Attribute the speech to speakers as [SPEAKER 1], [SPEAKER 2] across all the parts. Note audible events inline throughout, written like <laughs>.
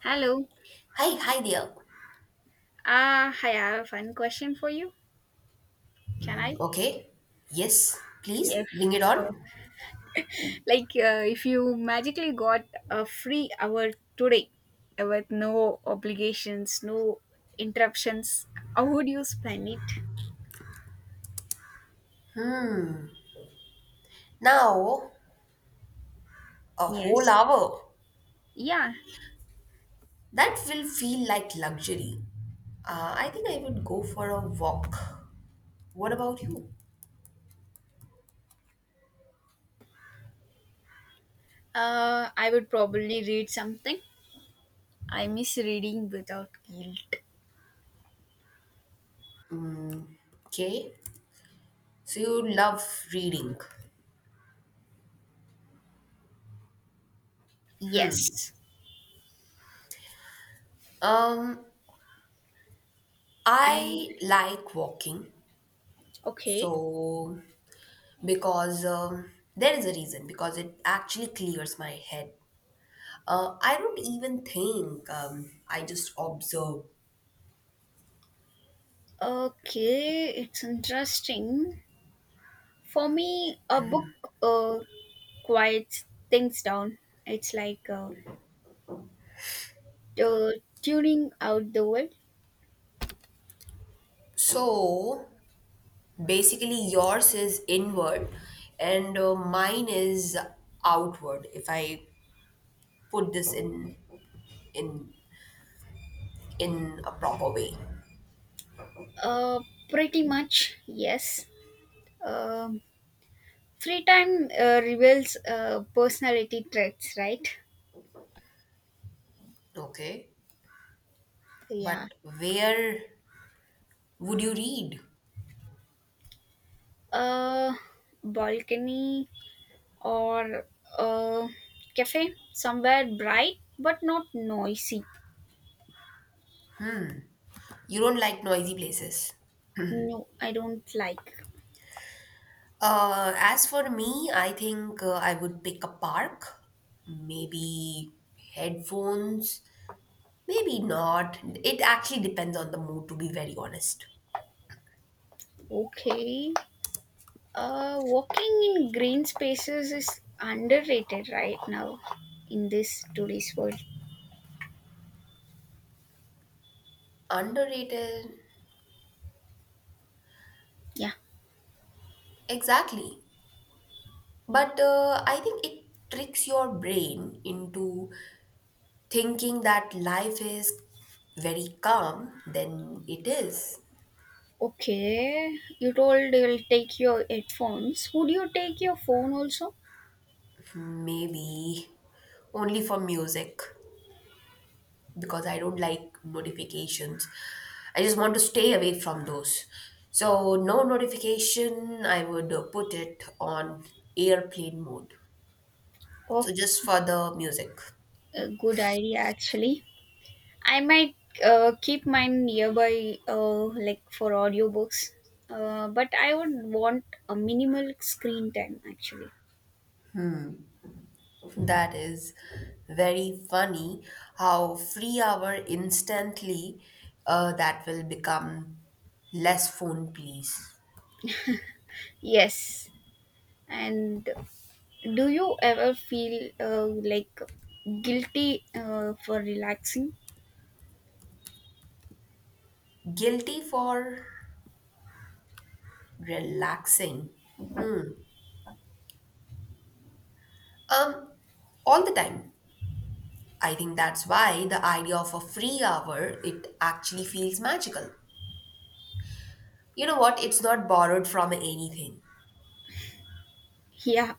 [SPEAKER 1] Hello.
[SPEAKER 2] Hi, hi there.
[SPEAKER 1] Hi, I have a fun question for you. Can I?
[SPEAKER 2] Okay. Yes, please
[SPEAKER 1] Yes.
[SPEAKER 2] bring it on.
[SPEAKER 1] Uh, if you magically got a free hour today with no obligations, no interruptions, how would you spend it?
[SPEAKER 2] Hmm. Now, a whole
[SPEAKER 1] Yes.
[SPEAKER 2] hour.
[SPEAKER 1] Yeah.
[SPEAKER 2] That will feel like luxury. I think I would go for a walk. What about you?
[SPEAKER 1] I would probably read something. I miss reading without guilt.
[SPEAKER 2] Okay. So you love reading.
[SPEAKER 1] Yes.
[SPEAKER 2] Um,
[SPEAKER 1] And
[SPEAKER 2] I like walking.
[SPEAKER 1] okay.
[SPEAKER 2] So because there is a reason because it actually clears my head. I don't even think. I just observe.
[SPEAKER 1] Okay, it's interesting. For me, a book uh, quiets things down. It's like tuning out the world.
[SPEAKER 2] So basically, yours is inward and mine is outward, if I put this in in a proper way.
[SPEAKER 1] Uh, Pretty much, yes. Um, Free time reveals personality traits, right?
[SPEAKER 2] Okay.
[SPEAKER 1] Yeah.
[SPEAKER 2] But where would you read?
[SPEAKER 1] Uh, Balcony or a cafe somewhere bright but not noisy.
[SPEAKER 2] You don't like noisy places.
[SPEAKER 1] No, I don't like.
[SPEAKER 2] As for me, I think I would pick a park, maybe headphones, maybe not. It actually depends on the mood, to be very honest.
[SPEAKER 1] Okay. Walking in green spaces is underrated right now in this today's world.
[SPEAKER 2] Underrated.
[SPEAKER 1] Yeah.
[SPEAKER 2] Exactly. But I think it tricks your brain into thinking that life is very calm than it is.
[SPEAKER 1] Okay. You told you'll take your headphones. Would you take your phone also?
[SPEAKER 2] Maybe only for music because I don't like notifications. I just want to stay away from those. So, no notification, I would put it on airplane mode.
[SPEAKER 1] Oh,
[SPEAKER 2] So, just for the music.
[SPEAKER 1] a good idea actually. I might keep mine nearby, like for audiobooks. But I would want a minimal screen time actually.
[SPEAKER 2] That is very funny how free hour instantly that will become less phone please.
[SPEAKER 1] Yes, and do you ever feel guilty for relaxing?
[SPEAKER 2] Guilty for relaxing um all the time. I think that's why the idea of a free hour it actually feels magical. You know what, it's not borrowed from anything.
[SPEAKER 1] Yeah,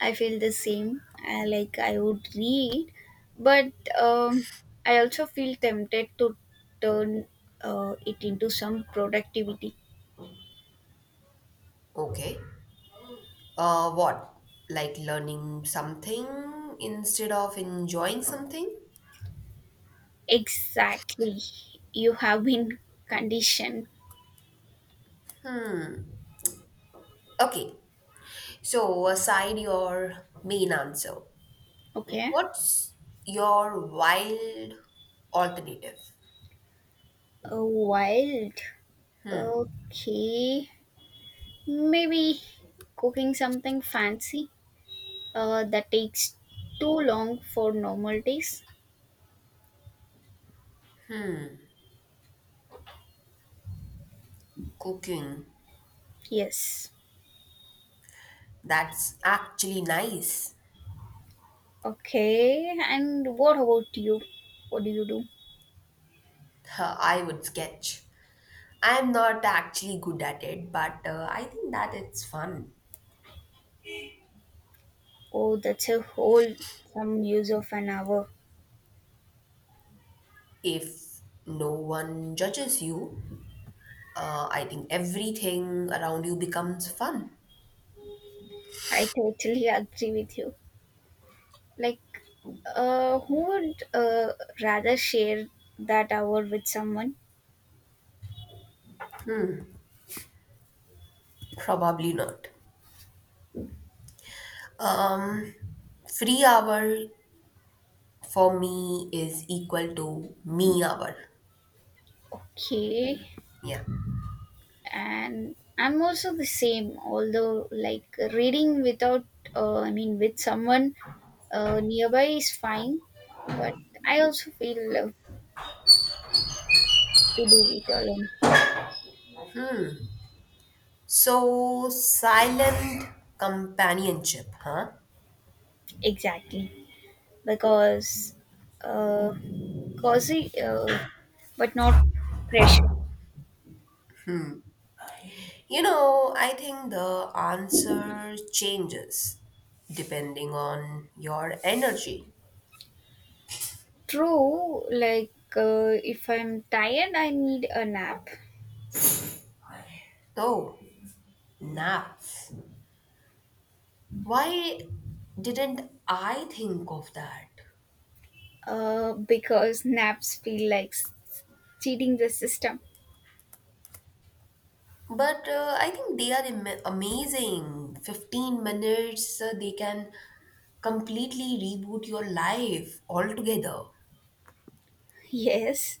[SPEAKER 1] I feel the same. I would read, but I also feel tempted to turn it into some productivity.
[SPEAKER 2] Okay. What, like learning something instead of enjoying something.
[SPEAKER 1] Exactly. You have been conditioned.
[SPEAKER 2] Okay. So, aside your main answer,
[SPEAKER 1] Okay.
[SPEAKER 2] what's your wild alternative?
[SPEAKER 1] Wild. Okay. Maybe cooking something fancy. That takes too long for normal days.
[SPEAKER 2] Cooking.
[SPEAKER 1] Yes.
[SPEAKER 2] That's actually nice.
[SPEAKER 1] Okay. And what about you? What do you do?
[SPEAKER 2] Huh, I would sketch. I'm not actually good at it, but I think that it's fun.
[SPEAKER 1] Oh, that's a whole some use of an hour.
[SPEAKER 2] If no one judges you, I think everything around you becomes fun.
[SPEAKER 1] I totally <laughs> agree with you. Like, who would rather share that hour with someone?
[SPEAKER 2] Probably not. Um, Free hour for me is equal to me hour.
[SPEAKER 1] Okay.
[SPEAKER 2] Yeah.
[SPEAKER 1] And I'm also the same, although, like, reading without, I mean, with someone nearby is fine, but I also feel love to do it alone.
[SPEAKER 2] So silent companionship, huh?
[SPEAKER 1] Exactly, because uh, cozy, but not pressure.
[SPEAKER 2] You know, I think the answer changes depending on your energy.
[SPEAKER 1] True, if I'm tired, I need a nap.
[SPEAKER 2] Oh, naps. Why didn't I think of that?
[SPEAKER 1] Because <laughs> naps feel like cheating the system.
[SPEAKER 2] But I think they are amazing. 15 minutes, they can completely reboot your life altogether.
[SPEAKER 1] <laughs> Yes,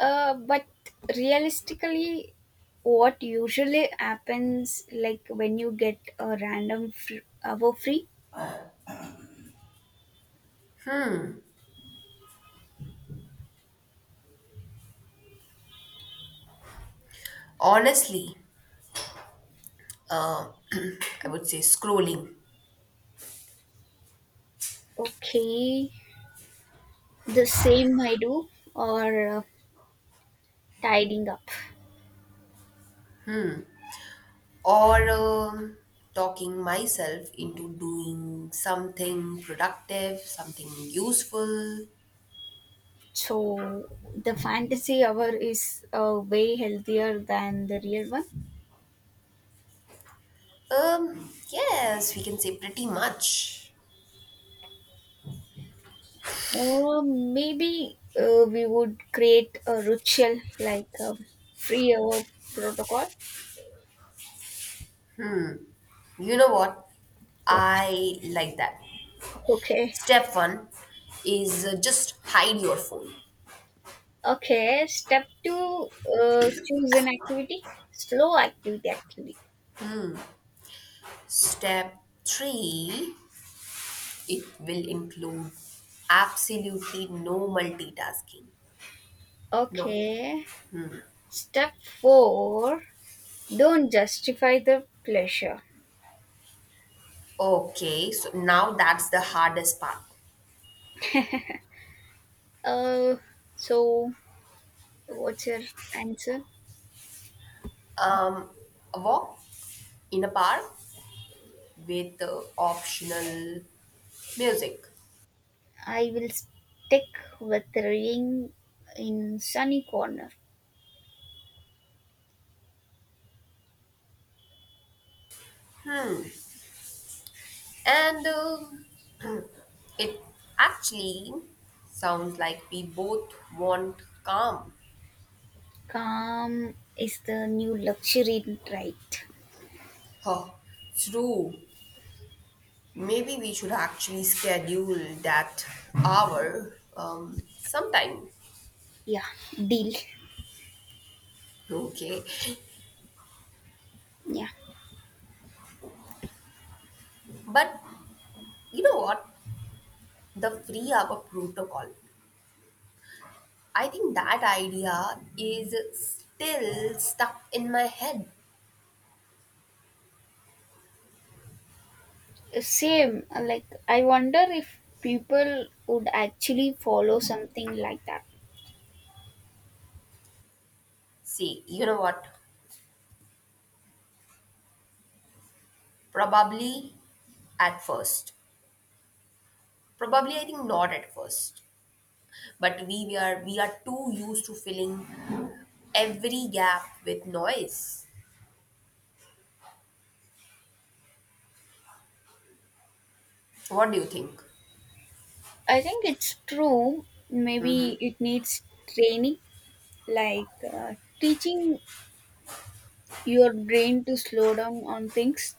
[SPEAKER 1] but realistically, what usually happens, like when you get a random hour free.
[SPEAKER 2] Honestly, uh, <clears throat> I would say scrolling
[SPEAKER 1] Okay, the same I do, or tidying up.
[SPEAKER 2] or talking myself into doing something productive, something useful.
[SPEAKER 1] So the fantasy hour is way healthier than the real one.
[SPEAKER 2] Yes, we can say pretty much.
[SPEAKER 1] Or maybe we would create a ritual like a free hour protocol.
[SPEAKER 2] You know what?
[SPEAKER 1] What?
[SPEAKER 2] I like that.
[SPEAKER 1] Okay.
[SPEAKER 2] Step one is just hide your phone.
[SPEAKER 1] Okay. Step two, choose an activity. Slow activity, actually.
[SPEAKER 2] Step three, it will include absolutely no multitasking. No.
[SPEAKER 1] Okay. Step four, don't justify the pleasure.
[SPEAKER 2] Okay, so now that's the hardest part.
[SPEAKER 1] <laughs> Uh, so what's your answer?
[SPEAKER 2] Um, a walk in a park with optional music,
[SPEAKER 1] I will stick with reading in sunny corner.
[SPEAKER 2] and <clears throat> it actually sounds like we both want calm.
[SPEAKER 1] Calm is the new luxury, right?
[SPEAKER 2] Oh, true. Maybe we should actually schedule that hour sometime.
[SPEAKER 1] Yeah, deal.
[SPEAKER 2] Okay,
[SPEAKER 1] Yeah,
[SPEAKER 2] but you know what? The free hour protocol. I think that idea is still stuck in my head.
[SPEAKER 1] same. Like I wonder if people would actually follow something like that.
[SPEAKER 2] See, you know what? Probably at first. Probably I think not at first. But we are too used to filling every gap with noise. What do you think?
[SPEAKER 1] I think it's true. Maybe it needs training, like uh, teaching your brain to slow down on things.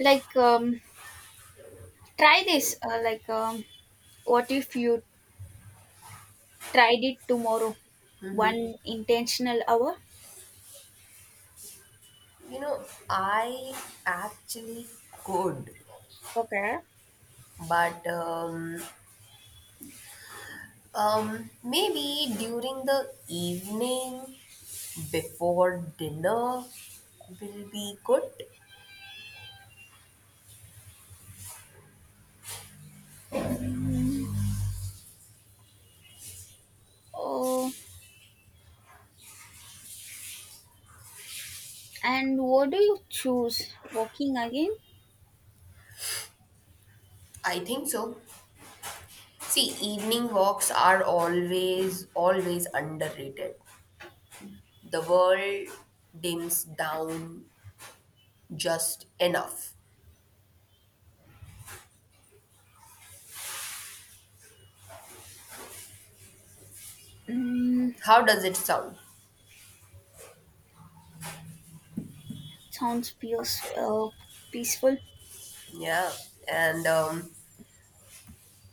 [SPEAKER 1] Like um, Try this. What if you tried it tomorrow?
[SPEAKER 2] Mm-hmm.
[SPEAKER 1] One intentional hour.
[SPEAKER 2] You know, I actually could,
[SPEAKER 1] Okay.
[SPEAKER 2] but maybe during the evening before dinner will be good.
[SPEAKER 1] Mm, oh, and what do you choose? Walking again?
[SPEAKER 2] I think so. See, evening walks are always, always underrated. The world dims down just enough.
[SPEAKER 1] Mm,
[SPEAKER 2] How does it sound?
[SPEAKER 1] sounds feels peaceful.
[SPEAKER 2] Yeah. And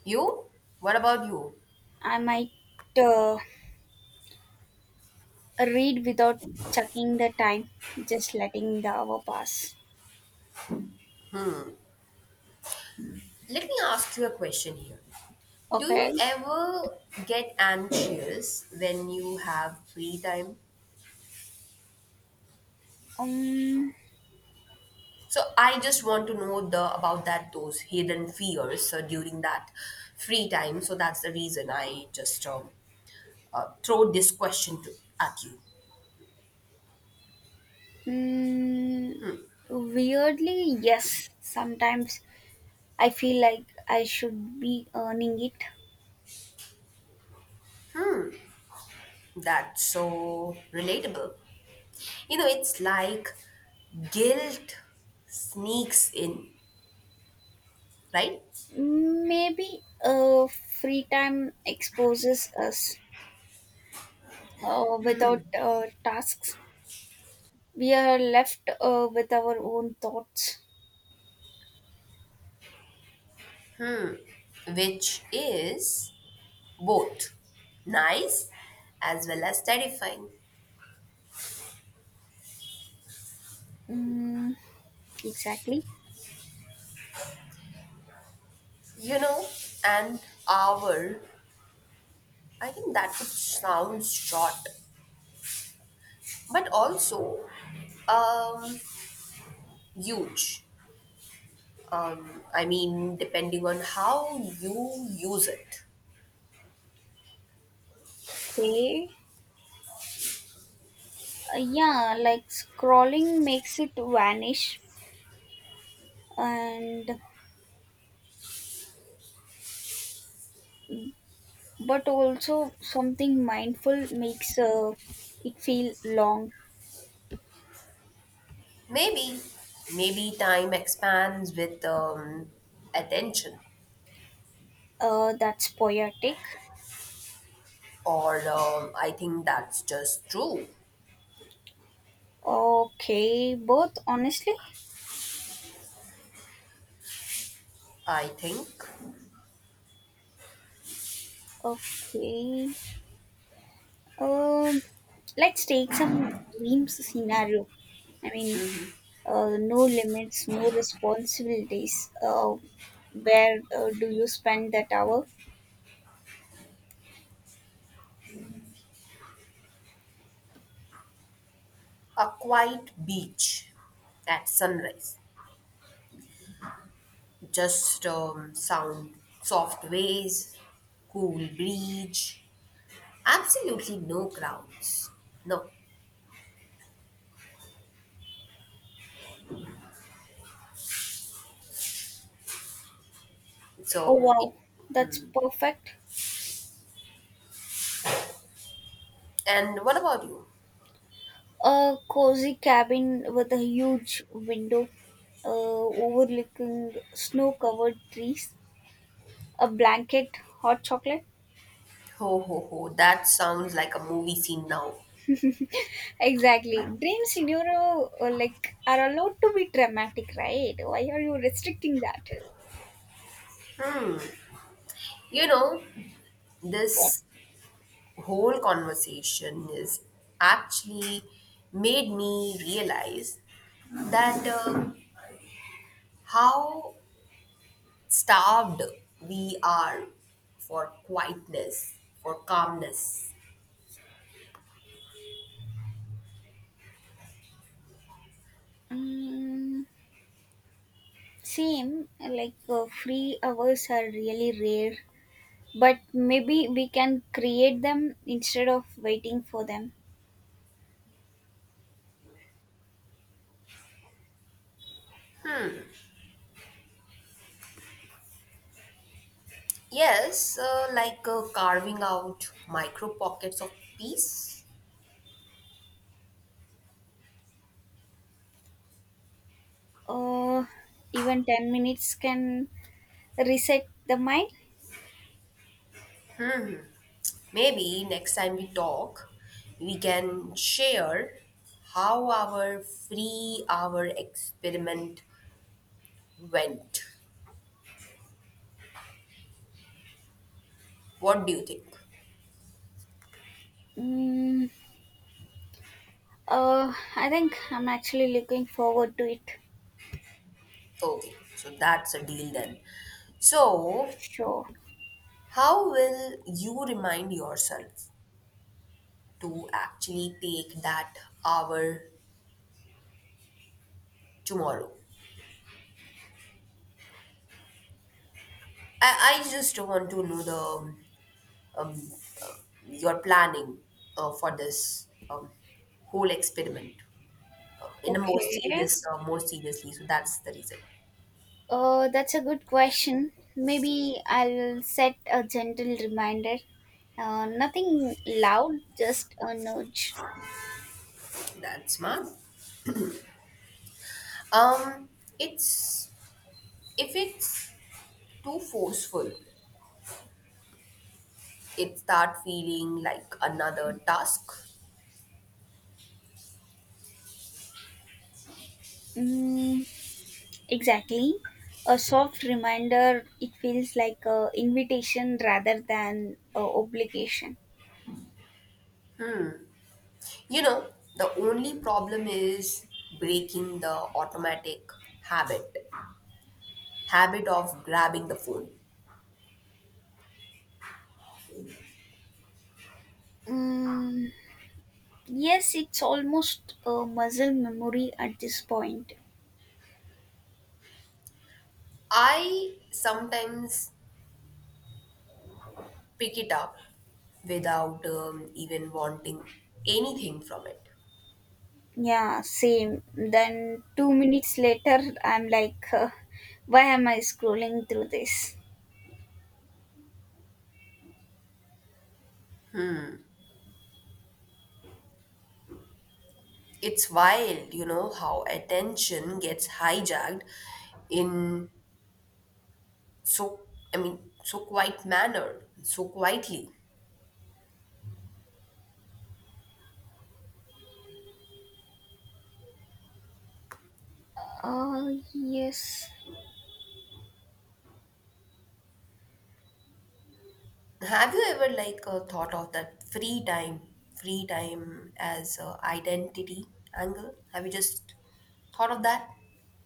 [SPEAKER 2] you? What about you?
[SPEAKER 1] I might uh, read without checking the time, just letting the hour pass.
[SPEAKER 2] Let me ask you a question here. Do you
[SPEAKER 1] Okay.
[SPEAKER 2] ever get anxious when you have free time?
[SPEAKER 1] Um.
[SPEAKER 2] So I just want to know the about that those hidden fears during that free time. So that's the reason I just throw this question to at you.
[SPEAKER 1] Mm, weirdly, yes. Sometimes I feel like I should be earning it.
[SPEAKER 2] That's so relatable. You know, it's like guilt sneaks in, right?
[SPEAKER 1] Maybe free time exposes us without tasks. We are left with our own thoughts.
[SPEAKER 2] Which is both nice as well as terrifying.
[SPEAKER 1] Mm, exactly.
[SPEAKER 2] You know, and our I think that could sound short but also um, huge. I mean, depending on how you use it.
[SPEAKER 1] Okay. Yeah, like scrolling makes it vanish, and but also something mindful makes it feel long.
[SPEAKER 2] Maybe, maybe time expands with attention,
[SPEAKER 1] That's poetic.
[SPEAKER 2] or I think that's just true.
[SPEAKER 1] Okay, both honestly.
[SPEAKER 2] I think.
[SPEAKER 1] Okay. Um, let's take some dreams scenario. I mean,
[SPEAKER 2] Mm-hmm.
[SPEAKER 1] no limits, no responsibilities. Where do you spend that hour?
[SPEAKER 2] A quiet beach at sunrise, just sound, soft waves, cool breeze, absolutely no crowds. No,
[SPEAKER 1] Oh
[SPEAKER 2] so it.
[SPEAKER 1] wow, that's perfect.
[SPEAKER 2] And what about you?
[SPEAKER 1] A cozy cabin with a huge window, overlooking snow-covered trees, a blanket, hot chocolate.
[SPEAKER 2] Ho ho ho, that sounds like a movie scene now.
[SPEAKER 1] Exactly. Dream scenario like are allowed to be dramatic, right? Why are you restricting that?
[SPEAKER 2] You know,
[SPEAKER 1] Yeah.
[SPEAKER 2] this whole conversation is actually made me realize that how starved we are for quietness, for calmness.
[SPEAKER 1] Mm, same, free hours are really rare, but maybe we can create them instead of waiting for them.
[SPEAKER 2] Yes, like carving out micro pockets of peace.
[SPEAKER 1] Uh, Even 10 minutes can reset the mind.
[SPEAKER 2] Maybe next time we talk, we can share how our free hour experiment went. What do you think?
[SPEAKER 1] Mm, I think I'm actually looking forward to it.
[SPEAKER 2] Okay, so that's a deal then. So,
[SPEAKER 1] Sure.
[SPEAKER 2] how will you remind yourself to actually take that hour tomorrow? I just want to know the um, uh, your planning for this whole experiment in a more
[SPEAKER 1] Okay.
[SPEAKER 2] serious more seriously, so that's the reason.
[SPEAKER 1] Oh, that's a good question. Maybe I'll set a gentle reminder. Nothing loud, just a nudge.
[SPEAKER 2] That's smart. um it's, if it's too forceful it start feeling like another task.
[SPEAKER 1] Mm, exactly. A soft reminder, it feels like a invitation rather than a obligation.
[SPEAKER 2] You know, the only problem is breaking the automatic habit habit of grabbing the phone.
[SPEAKER 1] Mm, yes, it's almost a muscle memory at this point.
[SPEAKER 2] I sometimes pick it up without even wanting anything from it.
[SPEAKER 1] Yeah, same. Then 2 minutes later, I'm like, <laughs> why am I scrolling through this?
[SPEAKER 2] It's wild, you know, how attention gets hijacked in so, I mean, so quiet manner, so quietly.
[SPEAKER 1] Yes.
[SPEAKER 2] Have you ever like thought of that free time as identity angle? Have you just thought of that?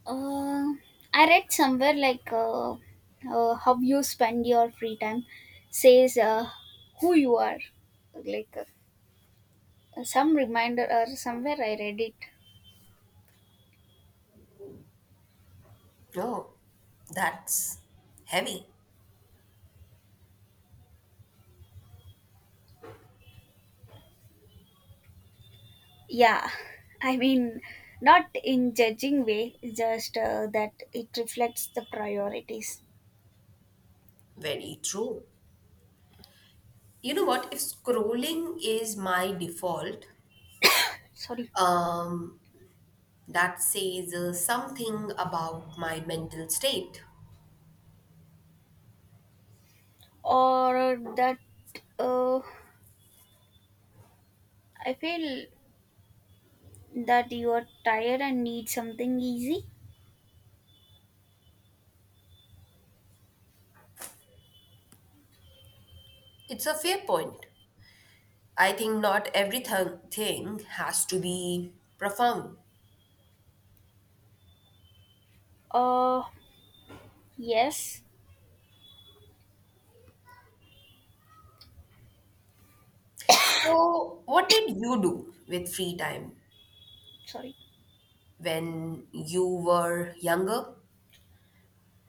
[SPEAKER 1] Uh, I read somewhere how you spend your free time says who you are. Like uh, some reminder or somewhere I read it.
[SPEAKER 2] Oh, that's heavy.
[SPEAKER 1] Yeah, <laughs> I mean, not in judging way, just that it reflects the priorities.
[SPEAKER 2] Very true. You know what? If scrolling is my default,
[SPEAKER 1] Sorry.
[SPEAKER 2] um that says something about my mental state.
[SPEAKER 1] Or that uh, I feel that you are tired and need something easy.
[SPEAKER 2] It's a fair point. I think not everything thing has to be profound.
[SPEAKER 1] Uh, yes.
[SPEAKER 2] So, what did you do with free time
[SPEAKER 1] Sorry.
[SPEAKER 2] when you were younger?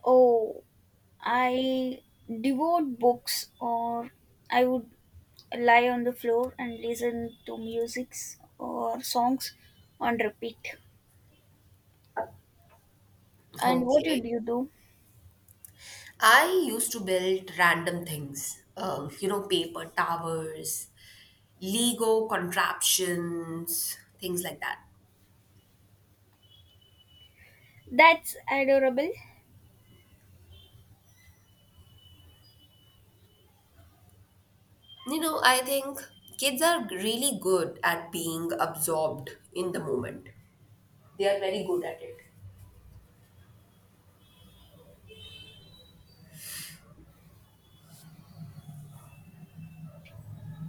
[SPEAKER 1] Oh, I devote books or I would lie on the floor and listen to musics or songs on repeat. And what
[SPEAKER 2] Okay.
[SPEAKER 1] would you do?
[SPEAKER 2] I used to build random things, you know, paper towers, Lego contraptions, things like that.
[SPEAKER 1] That's adorable.
[SPEAKER 2] You know, I think kids are really good at being absorbed in the moment. They are very good at it.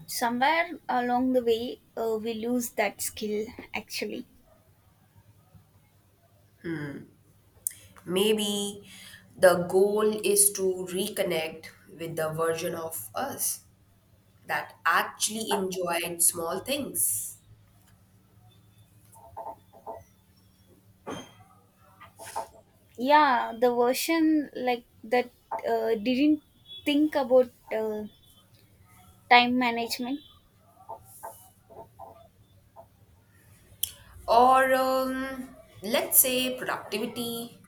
[SPEAKER 1] Somewhere along the way, we lose that skill actually.
[SPEAKER 2] Maybe the goal is to reconnect with the version of us that actually enjoyed small things.
[SPEAKER 1] Yeah, the version like that didn't think about time management.
[SPEAKER 2] Or let's say productivity,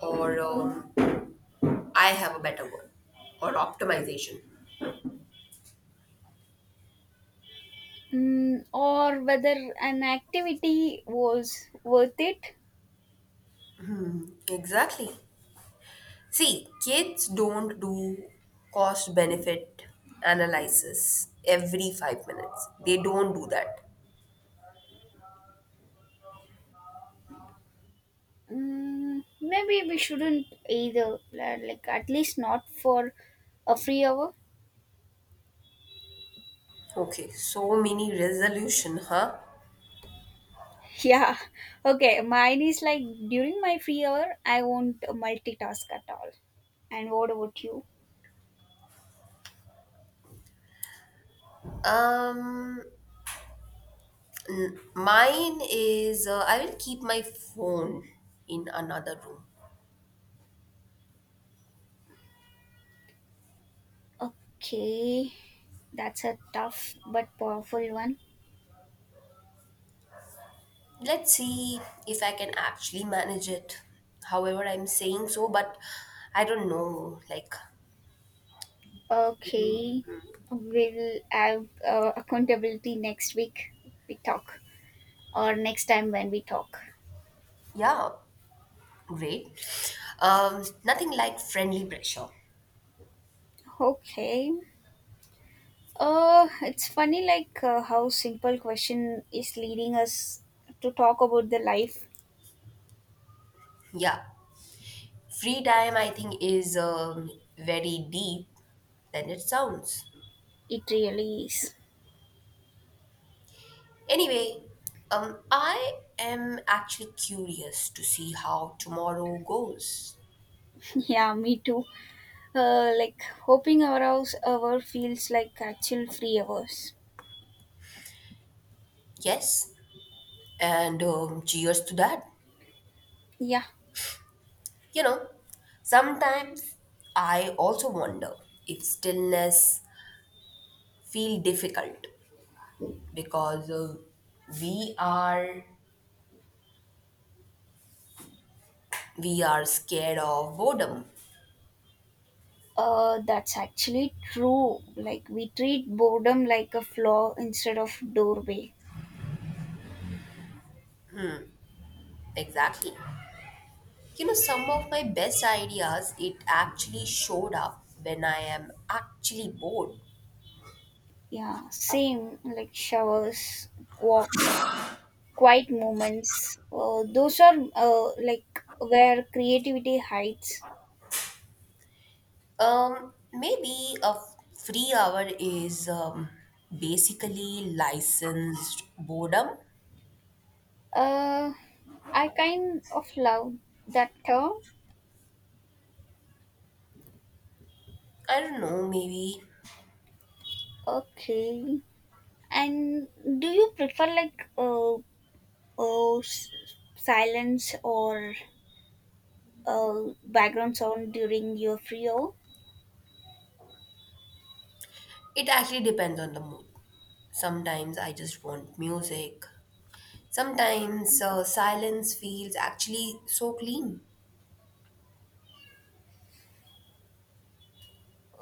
[SPEAKER 2] or I have a better word, or optimization.
[SPEAKER 1] Mm, or whether an activity was worth it.
[SPEAKER 2] Exactly. See, kids don't do cost benefit analysis every 5 minutes. They don't do that.
[SPEAKER 1] Mm, maybe we shouldn't either, like, at least not for a free hour. <laughs>
[SPEAKER 2] Okay, so many resolution, huh?
[SPEAKER 1] Yeah, okay. Mine is like during my free hour, I won't multitask at all. And what about you?
[SPEAKER 2] Um, Mine is I will keep my phone in another room.
[SPEAKER 1] Okay, that's a tough but powerful one.
[SPEAKER 2] Let's see if I can actually manage it. However, I'm saying so, but I don't know. Like,
[SPEAKER 1] Okay, we'll have accountability next week. We talk, or next time when we talk.
[SPEAKER 2] yeah, great. Nothing like friendly pressure.
[SPEAKER 1] Okay. It's funny, how simple question is leading us to talk about the life.
[SPEAKER 2] Yeah. Free time, I think, is very deep than it sounds.
[SPEAKER 1] It really is.
[SPEAKER 2] Anyway, I am actually curious to see how tomorrow goes.
[SPEAKER 1] <laughs> Yeah, me too. Like hoping our hour feels like actual free hours.
[SPEAKER 2] Yes, and cheers to that.
[SPEAKER 1] Yeah.
[SPEAKER 2] You know, sometimes I also wonder if stillness feel difficult because we are we are scared of boredom.
[SPEAKER 1] That's actually true. Like we treat boredom like a flaw instead of doorway.
[SPEAKER 2] Exactly. You know, some of my best ideas, it actually showed up when I am actually bored.
[SPEAKER 1] Yeah, same like showers, walks, quiet moments. Those are like where creativity hides.
[SPEAKER 2] Maybe a free hour is basically licensed boredom.
[SPEAKER 1] Uh, I kind of love that term.
[SPEAKER 2] I don't know, maybe
[SPEAKER 1] Okay. And do you prefer uh, s- silence or uh, background sound during your free hour?
[SPEAKER 2] it actually depends on the mood. Sometimes I just want music. Sometimes silence feels actually so clean.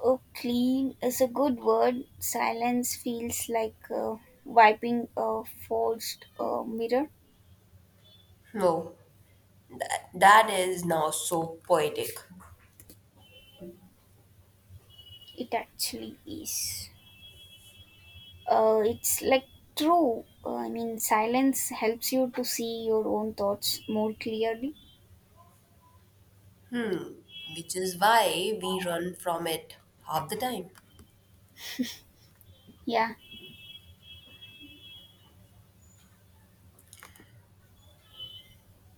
[SPEAKER 1] Oh, clean is a good word. Silence feels like wiping a forged mirror.
[SPEAKER 2] No, that is now so poetic.
[SPEAKER 1] It actually is. It's like true. I mean, silence helps you to see your own thoughts more clearly.
[SPEAKER 2] Hmm, which is why we run from it half the time.
[SPEAKER 1] Yeah.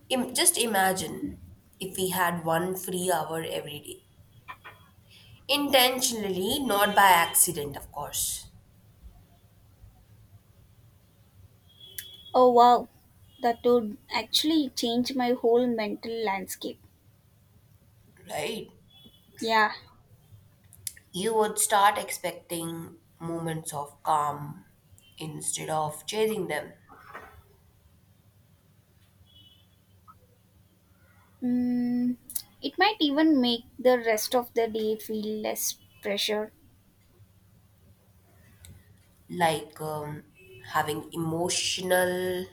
[SPEAKER 2] Just imagine if we had one free hour every day. Intentionally, not by accident, of course.
[SPEAKER 1] Oh wow. That would actually change my whole mental landscape.
[SPEAKER 2] Right?
[SPEAKER 1] Yeah.
[SPEAKER 2] You would start expecting moments of calm instead of chasing them,
[SPEAKER 1] Mm, it might even make the rest of the day feel less pressure.
[SPEAKER 2] like having emotional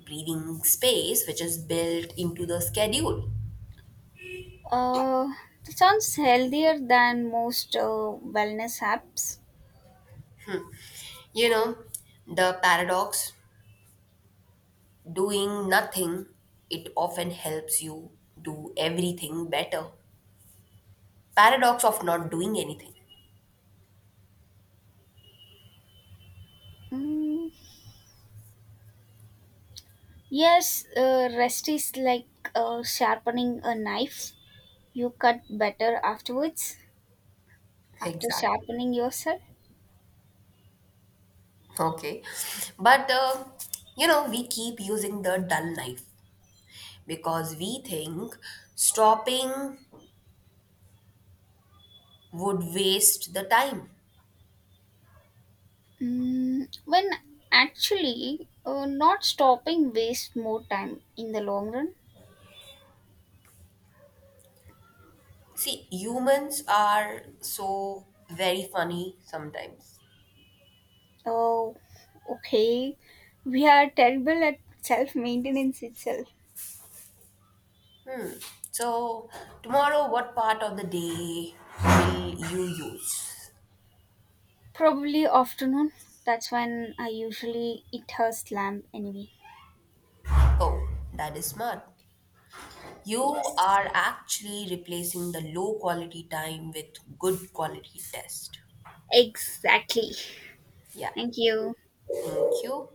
[SPEAKER 2] breathing space, which is built into the schedule.
[SPEAKER 1] Uh, that sounds healthier than most wellness apps.
[SPEAKER 2] You know, the paradox. Doing nothing, it often helps you do everything better. Paradox of not doing anything.
[SPEAKER 1] Mm, yes, rest is like sharpening a knife. You cut better afterwards
[SPEAKER 2] <laughs>
[SPEAKER 1] after
[SPEAKER 2] Exactly.
[SPEAKER 1] sharpening yourself.
[SPEAKER 2] Okay. But, you know, we keep using the dull knife because we think stopping would waste the time.
[SPEAKER 1] Mm, when actually not stopping waste more time in the long run.
[SPEAKER 2] See, humans are so very funny sometimes.
[SPEAKER 1] Oh, okay. We are terrible at self maintenance itself.
[SPEAKER 2] Hmm. So, tomorrow, what part of the day will you use?
[SPEAKER 1] Probably afternoon. That's when I usually eat her slam anyway.
[SPEAKER 2] Oh, that is smart. You
[SPEAKER 1] Yes,
[SPEAKER 2] are actually replacing the low quality time with good quality test.
[SPEAKER 1] exactly.
[SPEAKER 2] Yeah.
[SPEAKER 1] Thank you.
[SPEAKER 2] Thank you.